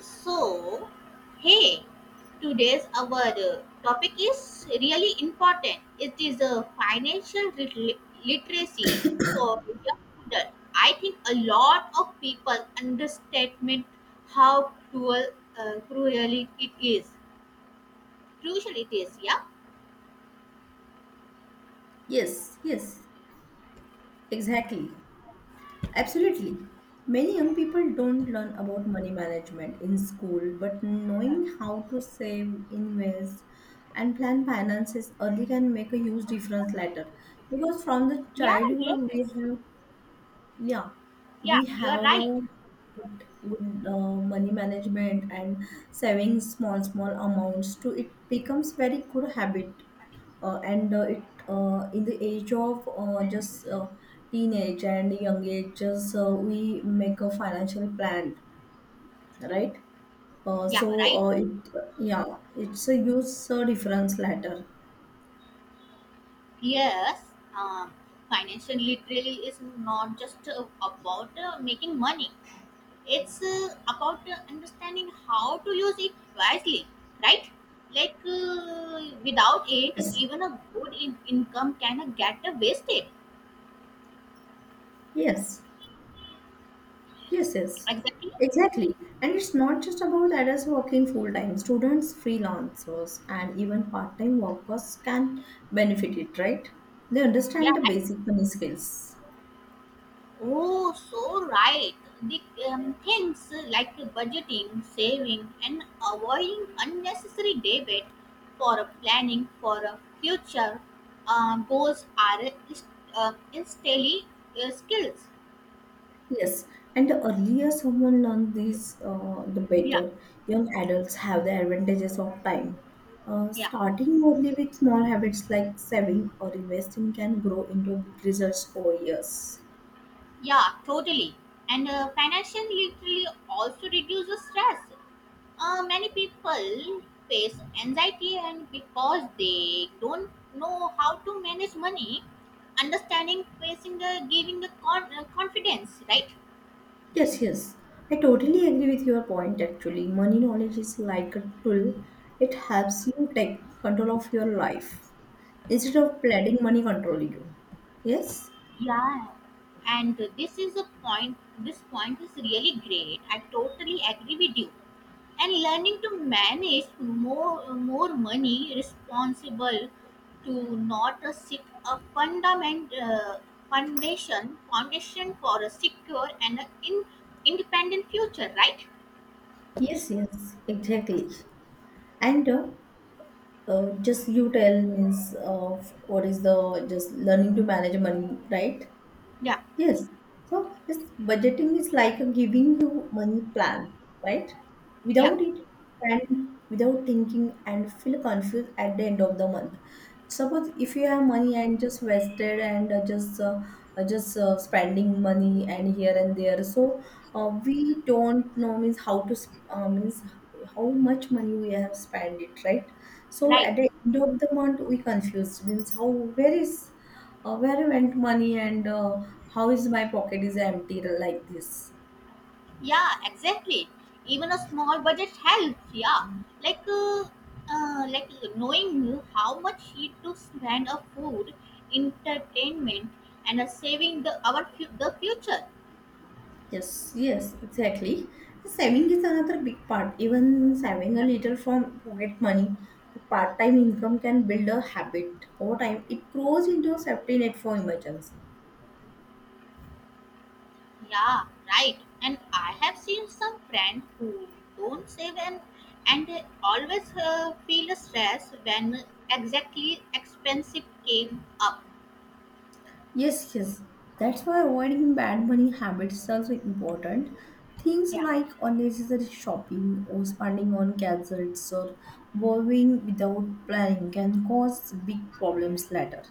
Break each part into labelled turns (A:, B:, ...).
A: So, hey, today's our topic is really important. It is a financial literacy for young adult. I think a lot of people underestimate how cruelly it is. Crucial it is, yeah.
B: Yes, yes, exactly. Absolutely. Many young people don't learn about money management in school, but knowing how to save, invest, and plan finances early can make a huge difference later. Because from the
A: Yeah, yes.
B: childhood, we have, yeah,
A: Yeah,
B: we
A: you're
B: have
A: right.
B: a good money management and saving small small amounts to it becomes very good habit, and it in the age of just teenage and young ages we make a financial plan, right? Uh,
A: Yeah,
B: so
A: right.
B: uh, it, yeah, it's a use difference letter.
A: Yes. Um, Financial literacy is not just about making money. It's about understanding how to use it wisely, right? Like without it,
B: Yes,
A: even a good income can get wasted.
B: yes. Yes, yes,
A: Exactly.
B: exactly. And it's not just about adults working full time. Students, freelancers, and even part time workers can benefit it, right? They
A: Yeah,
B: understand the
A: right.
B: basic money skills.
A: Oh, so right. The things like budgeting, saving, and avoiding unnecessary debit for a planning for a future goals instantly skills.
B: Yes, and the earlier someone learns these, the
A: Yeah.
B: better. Young adults have the advantages of time.
A: Yeah.
B: Starting early with small habits like saving or investing can grow into big results over years.
A: Yeah, totally. And financial literacy also reduces stress. Many people face anxiety and because they don't know how to manage money, understanding, facing the giving the confidence, right?
B: Yes, yes. I totally agree with your point actually. Money knowledge is like a tool, it helps you take control of your life instead of letting money control you. Yes?
A: Yeah, and this is a point. This point is really great. I totally agree with you. And learning to manage more money responsible to not a sick a fundament foundation for a secure and a independent future, right?
B: Yes, yes, exactly. And just you tell means of what is the just learning to manage money, right?
A: Yeah.
B: Yes. So this budgeting is like a giving you money plan, right?
A: Yeah,
B: Without it, and without thinking and feel confused at the end of the month. Suppose if you have money and just wasted and just spending money and here and there, so we don't know means how to means how much money we have spent it, right? So
A: right.
B: at the end of the month, we confused means how where is where went money and how is my pocket is empty like this.
A: Yeah, exactly. Even a small budget helps, yeah. Like uh, uh, like knowing how much he to spend on food, entertainment, and saving the future.
B: Yes, yes, exactly. Saving is another big part. Even saving a little from pocket money, part time income can build a habit. Over time, it grows into a safety net for emergency.
A: Yeah, right. And I have seen some friends who don't save, and they always feel stress when exactly expensive came up.
B: Yes, yes. That's why avoiding bad money habits is also important. Things
A: Yeah.
B: like unnecessary shopping or spending on gadgets or borrowing without planning can cause big problems later.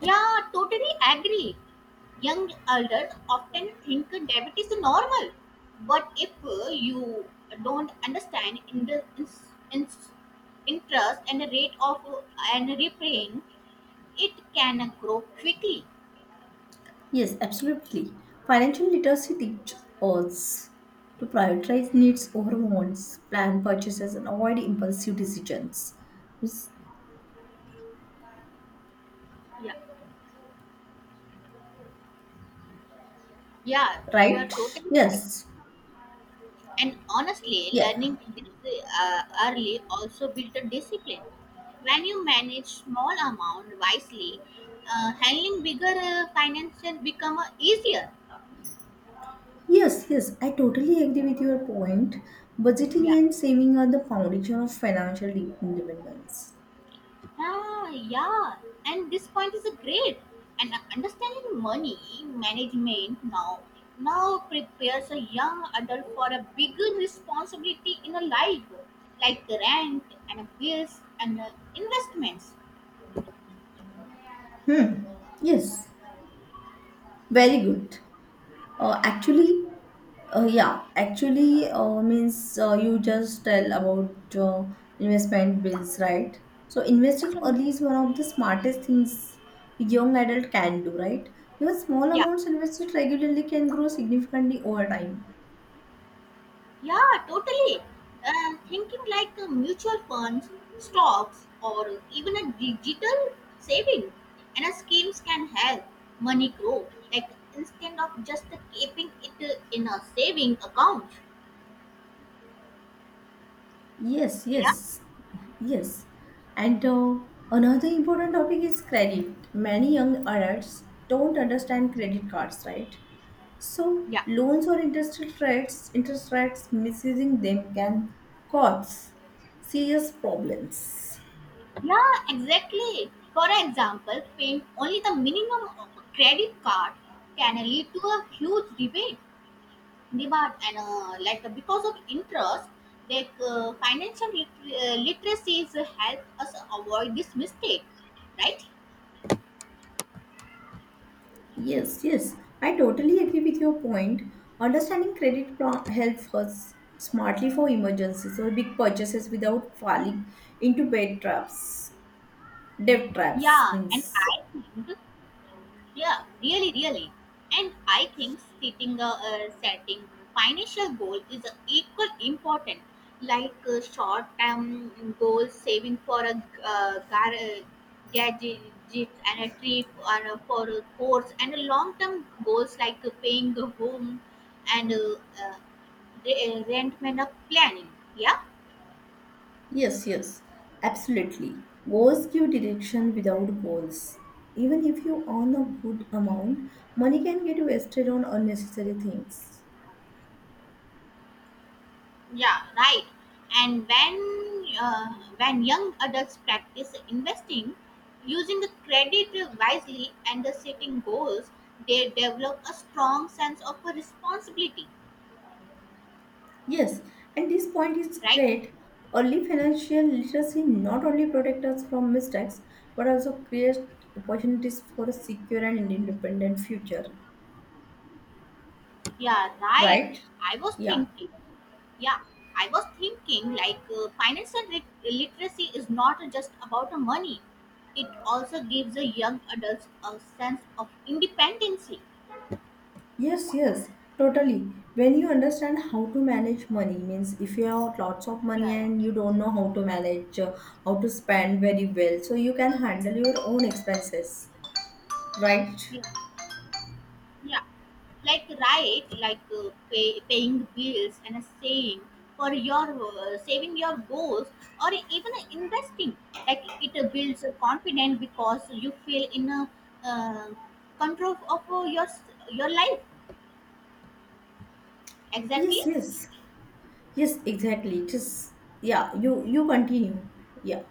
A: Yeah, totally agree. Young adults often think debit is normal, but if you don't understand in the ins- interest and the rate of and repaying, it can grow quickly.
B: Yes, absolutely. Financial literacy teaches us to prioritize needs over wants, plan purchases, and avoid impulsive decisions. Is-
A: Yeah. Yeah, you are
B: Right?
A: totally right.
B: Yes.
A: And honestly,
B: Yeah.
A: learning this early also builds a discipline. When you manage small amount wisely, handling bigger financial become easier.
B: Yes, yes, I totally agree with your point. Budgeting
A: Yeah.
B: and saving are the foundation of financial independence.
A: Ah, yeah. And this point is a great. And understanding money management now prepares a young adult for a bigger responsibility in a life, like rent and bills and investments.
B: Hmm. Yes, very good.
A: Yeah.
B: Actually, yeah, actually means you just tell about investment bills, right? So investing
A: So,
B: early is one of the smartest things a young adult can do, right? Even small
A: yeah.
B: amounts invested regularly can grow significantly over time.
A: Yeah, totally. Thinking like mutual funds, stocks, or even a digital saving and a schemes can help money grow. Like, instead of just keeping it in a saving account.
B: Yes,
A: Yeah,
B: yes, yes. And another important topic is credit. Many young adults don't understand credit cards, right? So
A: yeah,
B: loans or interest rates misusing them can cause serious problems.
A: yeah, exactly. For example, paying only the minimum of a credit card can lead to a huge debate demand and like because of interest, like financial literacy is help us avoid this mistake, right?
B: Yes, yes, I totally agree with your point. Understanding credit helps us smartly for emergencies or big purchases without falling into bad traps, debt traps.
A: Yeah, and
B: Means.
A: I think. Yeah, really, really. And I think setting financial goal is equal important, like short term goals, saving for a uh, gar- uh, gadget and a trip or for a course, and long term goals like paying the home and uh, rent and planning. Yeah.
B: Yes, yes, absolutely. Goals give direction without goals. Even if you earn a good amount, money can get wasted on unnecessary things.
A: Yeah, right. And when young adults practice investing, using the credit wisely and the setting goals, they develop a strong sense of a responsibility,
B: Yes, and this point is
A: right?
B: great. Early financial literacy not only protects us from mistakes but also creates opportunities for a secure and independent future.
A: Yeah, right.
B: Right?
A: I was
B: Yeah.
A: thinking. Yeah, I was thinking, like financial literacy is not just about the money. It also gives the young adults a sense of independency.
B: Yes, yes, totally. When you understand how to manage money, means if you have lots of money
A: Yeah.
B: and you don't know how to manage, how to spend very well, so you can handle your own expenses, right?
A: Yeah. Yeah, like right, like paying bills and saving saving your goals, or even investing. Like it builds a confidence because you feel in a uh, control of your life,
B: Yes,
A: exactly.
B: yes, yes, exactly. Just, yeah, you continue. Yeah.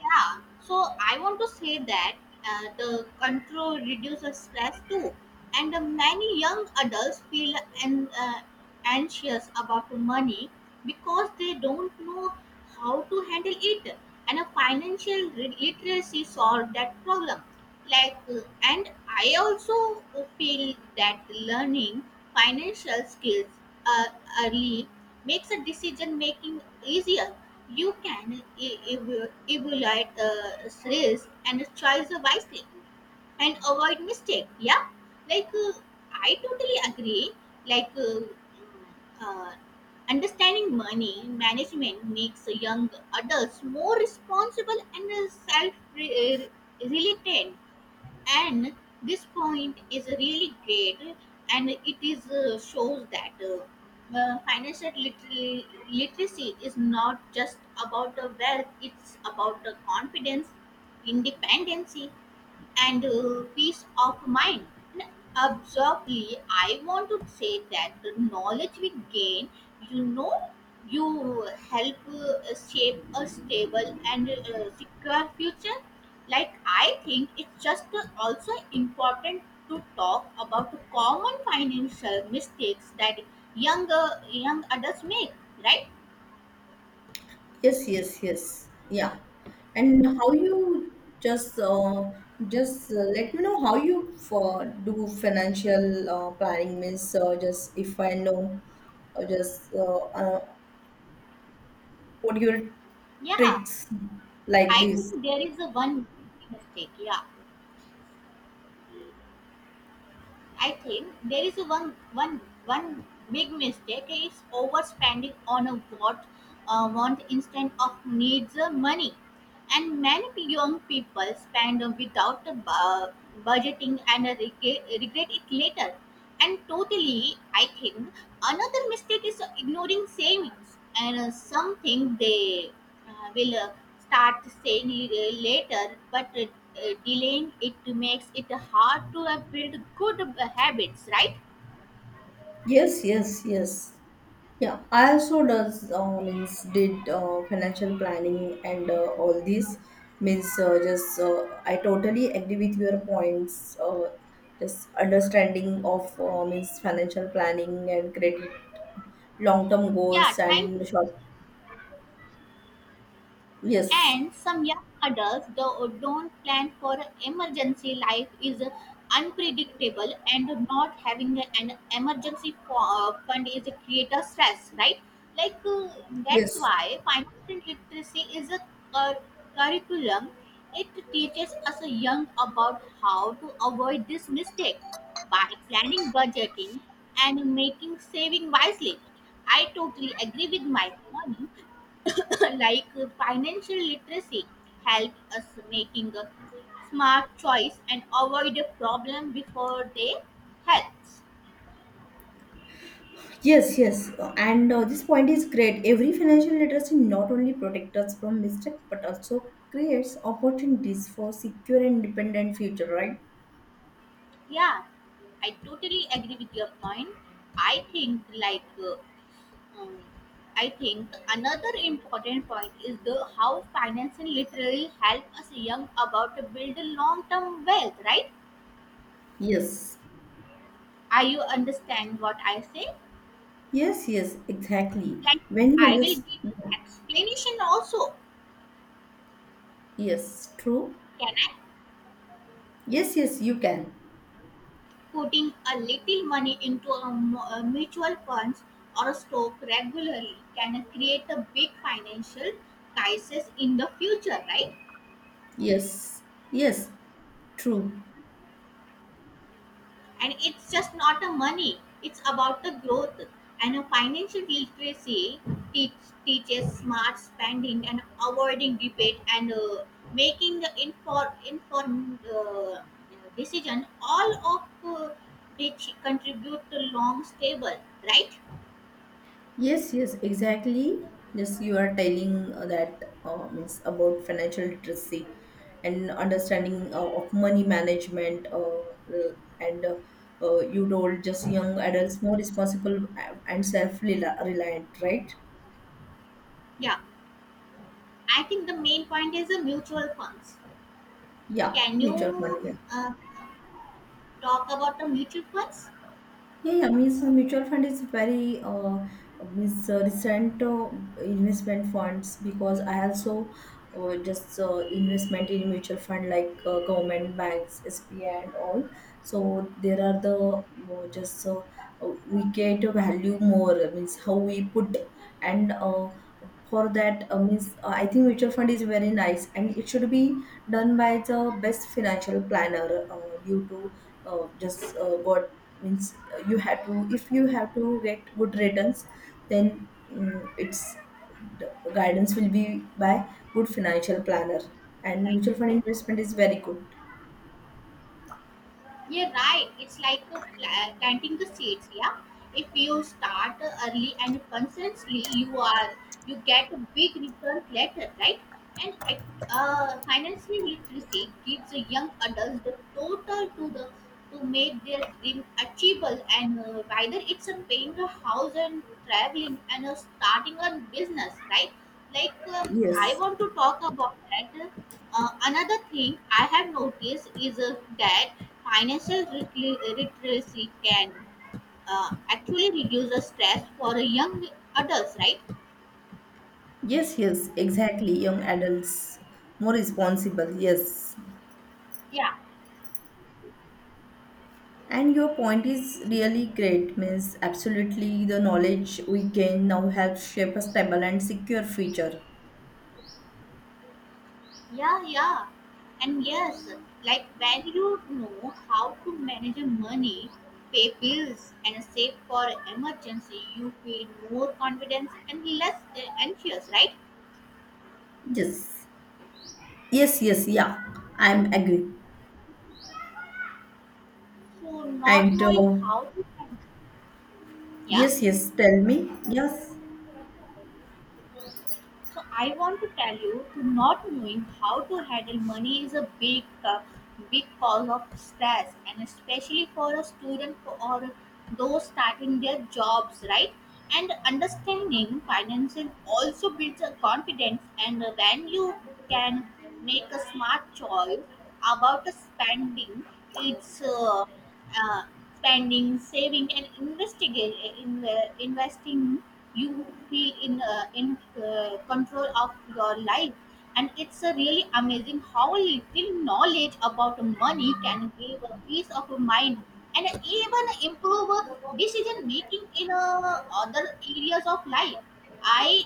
A: Yeah, so I want to say that the control reduces stress too, and many young adults feel an, uh, anxious about money because they don't know how to handle it, and a financial literacy solve that problem. Like, and I also feel that learning financial skills uh, early makes a decision making easier. You can evaluate risk and choice wisely and avoid mistake. Yeah, like, I totally agree. Like uh, understanding money management makes young adults more responsible and self-reliant, and this point is really great, and it is, shows that financial literacy is not just about the wealth, it's about the confidence, independency, and peace of mind. And absurdly, I want to say that the knowledge we gain, you know, you help shape a stable and secure future. Like, I think it's just also important to talk about the common financial mistakes that young adults make, right?
B: Yes, yes, yes. Yeah. And how you just let me know how you for do financial planning means just if I know just what your
A: Yeah,
B: tricks like
A: I
B: this.
A: think there is a one mistake. Yeah. I think there is a one big mistake is overspending on a what want instead of needs money, and many young people spend without budgeting and regret it later. And totally, I think another mistake is ignoring savings and something they will start saying later, but delaying it makes it hard to build good habits, right?
B: Yes, yes, yes. Yeah, I also does means did financial planning and all these means just I totally agree with your points. Just understanding of means financial planning and credit, long term
A: Yeah,
B: goals
A: thank
B: and
A: you.
B: short. Yes,
A: And some young adults don't plan for emergency. Life is unpredictable, and not having an emergency fund is a creator stress, right? Like that's
B: yes,
A: why financial literacy is a cur- curriculum. It teaches us young about how to avoid this mistake by planning, budgeting, and making saving wisely. I totally agree with my point. Like financial literacy help us making a smart choice and avoid a problem before they helps.
B: yes, yes. And this point is great. Every financial literacy not only protects us from mistake but also creates opportunities for secure and independent future. Right?
A: Yeah, I totally agree with your point. I think like uh, um, i think another important point is the how financial literacy help us young about to build a long term wealth, right?
B: Yes.
A: Are you understand what I say?
B: Yes, yes, exactly.
A: Like,
B: When you
A: I will give
B: understand,
A: explanation also.
B: yes, true.
A: Can I?
B: Yes, yes, you can.
A: Putting a little money into a mutual funds or stock regularly can create a big financial crisis in the future, right?
B: Yes, yes, true.
A: And it's just not a money, it's about the growth, and a financial literacy teach, teaches smart spending and avoiding debate and making the informed decision, all of which contribute to long stable, right?
B: Yes, yes, exactly. Yes, you are telling that means about financial literacy and understanding of money management, and you told just young adults more responsible and self-reliant, right?
A: Yeah, I think the main point is the mutual funds.
B: Yeah,
A: Can
B: mutual fund.
A: you
B: Yeah.
A: uh, talk about the mutual funds?
B: Yeah, yeah, means mutual fund is very means recent investment funds because I also just investment in mutual fund like government banks, SBI and all. So there are the just we get a value more means how we put and for that means I think mutual fund is very nice and it should be done by the best financial planner due to just got means you have to if you have to get good returns then it's the guidance will be by good financial planner and
A: Right.
B: mutual fund investment is very good.
A: Yeah, right. It's like planting the seeds. Yeah, if you start early and consistently, you get a big return later, right? And I- Financial literacy gives the young adults the total to the to make their dream achievable, and whether it's a paying a house and traveling and starting a business, right? Like,
B: Yes,
A: I want to talk about that. Another thing I have noticed is that financial literacy can actually reduce the stress for young adults, right?
B: yes, yes, exactly. Young adults more responsible. Yes,
A: Yeah,
B: and your point is really great means absolutely the knowledge we gain now helps shape a stable and secure future.
A: yeah, yeah. And yes, like when you know how to manage your money, pay bills, and save for emergency, you feel more confidence and less anxious, right?
B: Yes, yes, yes, yeah, I'm agree.
A: So, not
B: and
A: knowing
B: uh,
A: how to, yeah.
B: yes, yes, tell me. Yes,
A: So, I want to tell you to not knowing how to handle money is a big big cause of stress, and especially for a student or those starting their jobs, right? And understanding finances also builds a confidence, and when you can make a smart choice about the spending, it's uh, spending, saving, and in investing, you feel in control of your life. And it's really amazing how little knowledge about money can give a peace of mind and even improve decision making in other areas of life. I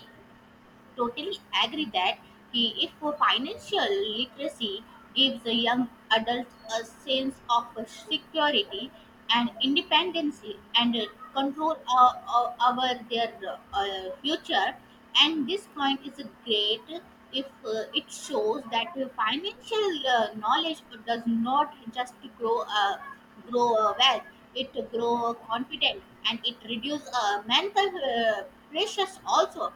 A: totally agree that if financial literacy gives a young adult a sense of security and independence and control over their future, and this point is great if it shows that financial knowledge does not just grow wealth, it grow confidence and it reduce mental pressures also.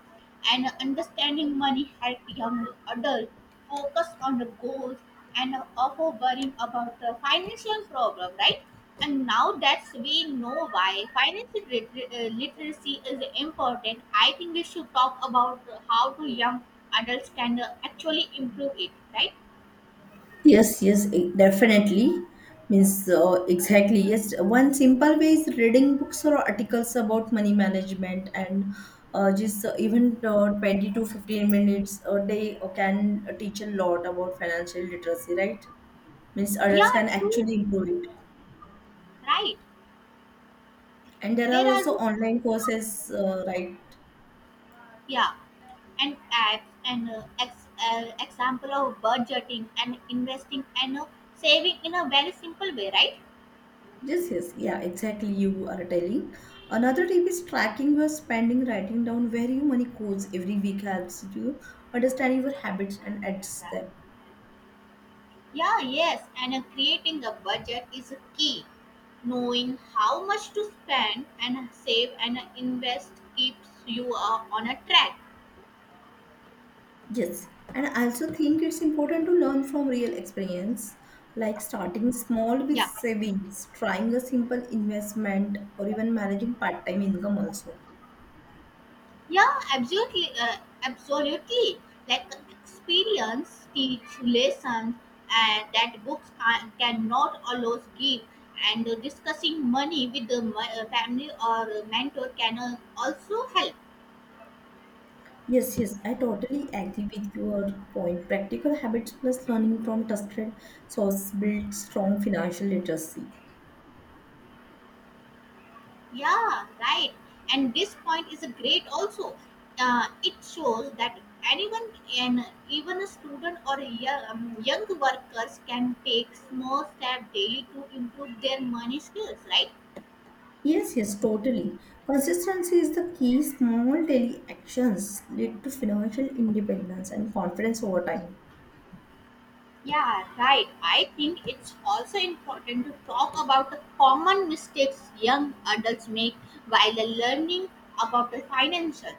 A: And understanding money help young adults focus on the goals and offer worrying about the financial problem, right? And now that we know why financial literacy is important, I think we should talk about how to young adults can actually improve it, right?
B: yes, yes, definitely. Means exactly. Yes, one simple way is reading books or articles about money management and just even 20 to 15 minutes a day can teach a lot about financial literacy, right? Means adults
A: Yeah,
B: can
A: true,
B: actually improve it.
A: right.
B: And there
A: There
B: are
A: are,
B: also online courses, right?
A: yeah, and acts and example of budgeting and investing and saving in a very simple way, right?
B: Yes, yes, yeah, exactly. You are telling. Another tip is tracking your spending, writing down where your money goes every week helps you understand your habits and adjust them.
A: Yeah, yes, and creating a budget is a key. Knowing how much to spend and save and invest keeps you on a track.
B: Yes, and I also think it's important to learn from real experience, like starting small with
A: Yeah.
B: savings, trying a simple investment, or even managing part time income also.
A: Yeah, absolutely, absolutely. Like experience teach lessons that books cannot always give, and discussing money with the family or mentor can also help.
B: Yes, yes, I totally agree with your point. Practical habits plus learning from trusted source build strong financial literacy.
A: Yeah, right. And this point is a great also. It shows that anyone and even a student or a young workers can take small step daily to improve their money skills, right?
B: Yes, yes, totally. Consistency is the key. Small daily actions lead to financial independence and confidence over time.
A: Yeah, right. I think it's also important to talk about the common mistakes young adults make while learning about the financial.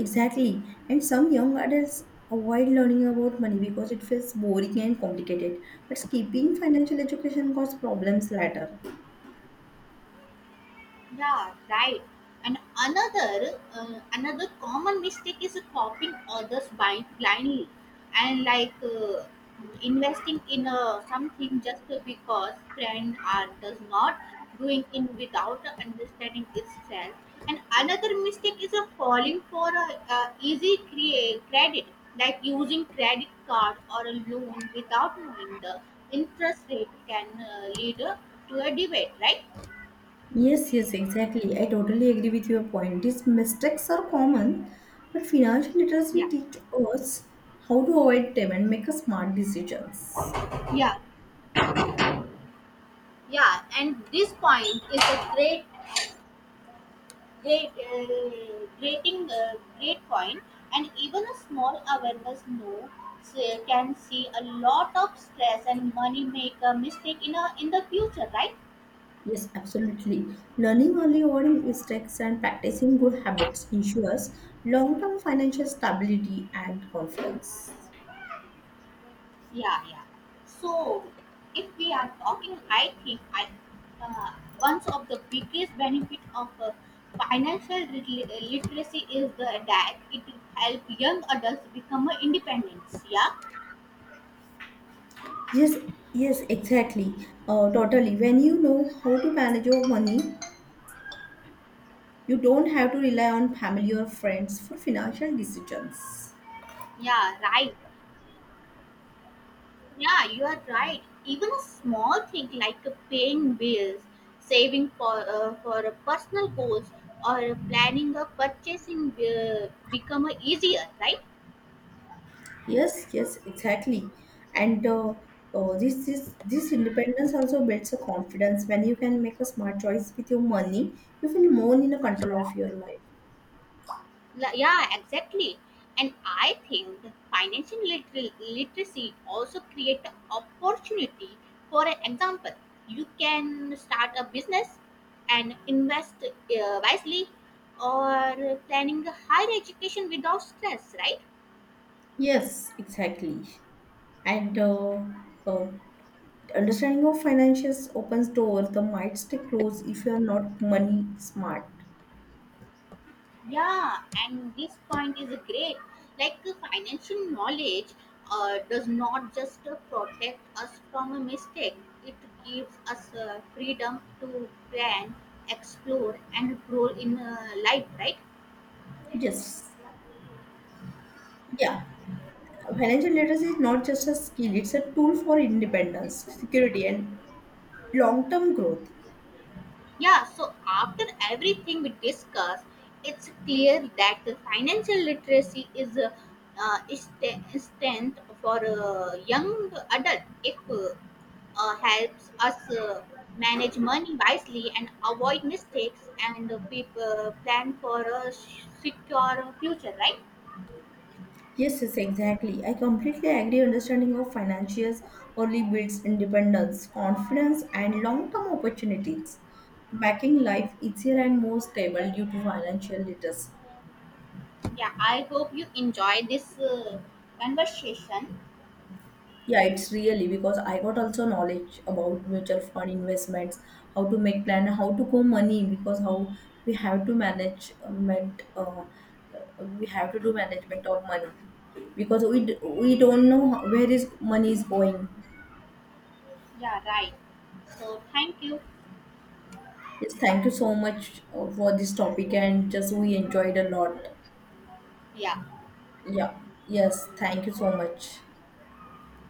B: Exactly. And some young adults avoid learning about money because it feels boring and complicated. But skipping financial education causes problems later.
A: Yeah, right. And another common mistake is copying others by blindly, and like investing in something just because trend art does not doing in without understanding itself. And another mistake is a falling for a easy credit, like using credit card or a loan without knowing the interest rate can lead to a debate, right?
B: Yes, yes, exactly. I totally agree with your point. These mistakes are common, but financial literacy
A: Yeah,
B: teach us how to avoid them and make a smart decisions.
A: yeah. Yeah, and this point is a great point, and even a small awareness no s- can see a lot of stress and money make a mistake in the future, right?
B: Yes, absolutely. Learning early avoiding mistakes and practicing good habits ensures long-term financial stability and confidence.
A: Yeah, yeah. So, if we are talking, I think I uh, one of the biggest benefit of financial literacy is the that it help young adults become independent. Yeah,
B: Yes, yes, exactly. Totally. When you know how to manage your money, you don't have to rely on family or friends for financial decisions.
A: yeah, right. Yeah, you are right. Even a small thing like paying bills, saving for a personal goals, or planning a purchasing will become easier, right?
B: Yes, yes, exactly. And this this independence also builds a confidence. When you can make a smart choice with your money, you feel more in a control of your life.
A: Yeah, exactly. And I think the financial literacy also create a opportunity. For an example, you can start a business and invest wisely, or planning a higher education without stress, right?
B: Yes, exactly. And uh, understanding of finances opens doors that might stay closed if you are not money smart.
A: Yeah, and this point is great. Like financial knowledge does not just protect us from a mistake, it gives us freedom to plan, explore, and grow in life, right?
B: Yes. Yeah. Financial literacy is not just a skill, it's a tool for independence, security, and long term growth.
A: Yeah, so after everything we discussed, it's clear that the financial literacy is strength for a young adult if helps us manage money wisely and avoid mistakes and plan for a secure future, right?
B: Yes, yes, exactly. I completely agree. Understanding of financials only builds independence, confidence, and long term opportunities, making life easier and more stable due to financial literacy.
A: Yeah, I hope you enjoy this conversation.
B: Yeah, it's really because I got also knowledge about mutual fund investments, how to make plan, how to go money because how we have to manage management, we have to do management of money because we we don't know where is money is going.
A: Yeah, right. So, thank you.
B: Yes, thank you so much for this topic and just we enjoyed a lot.
A: Yeah.
B: Yeah, yes, thank you so much.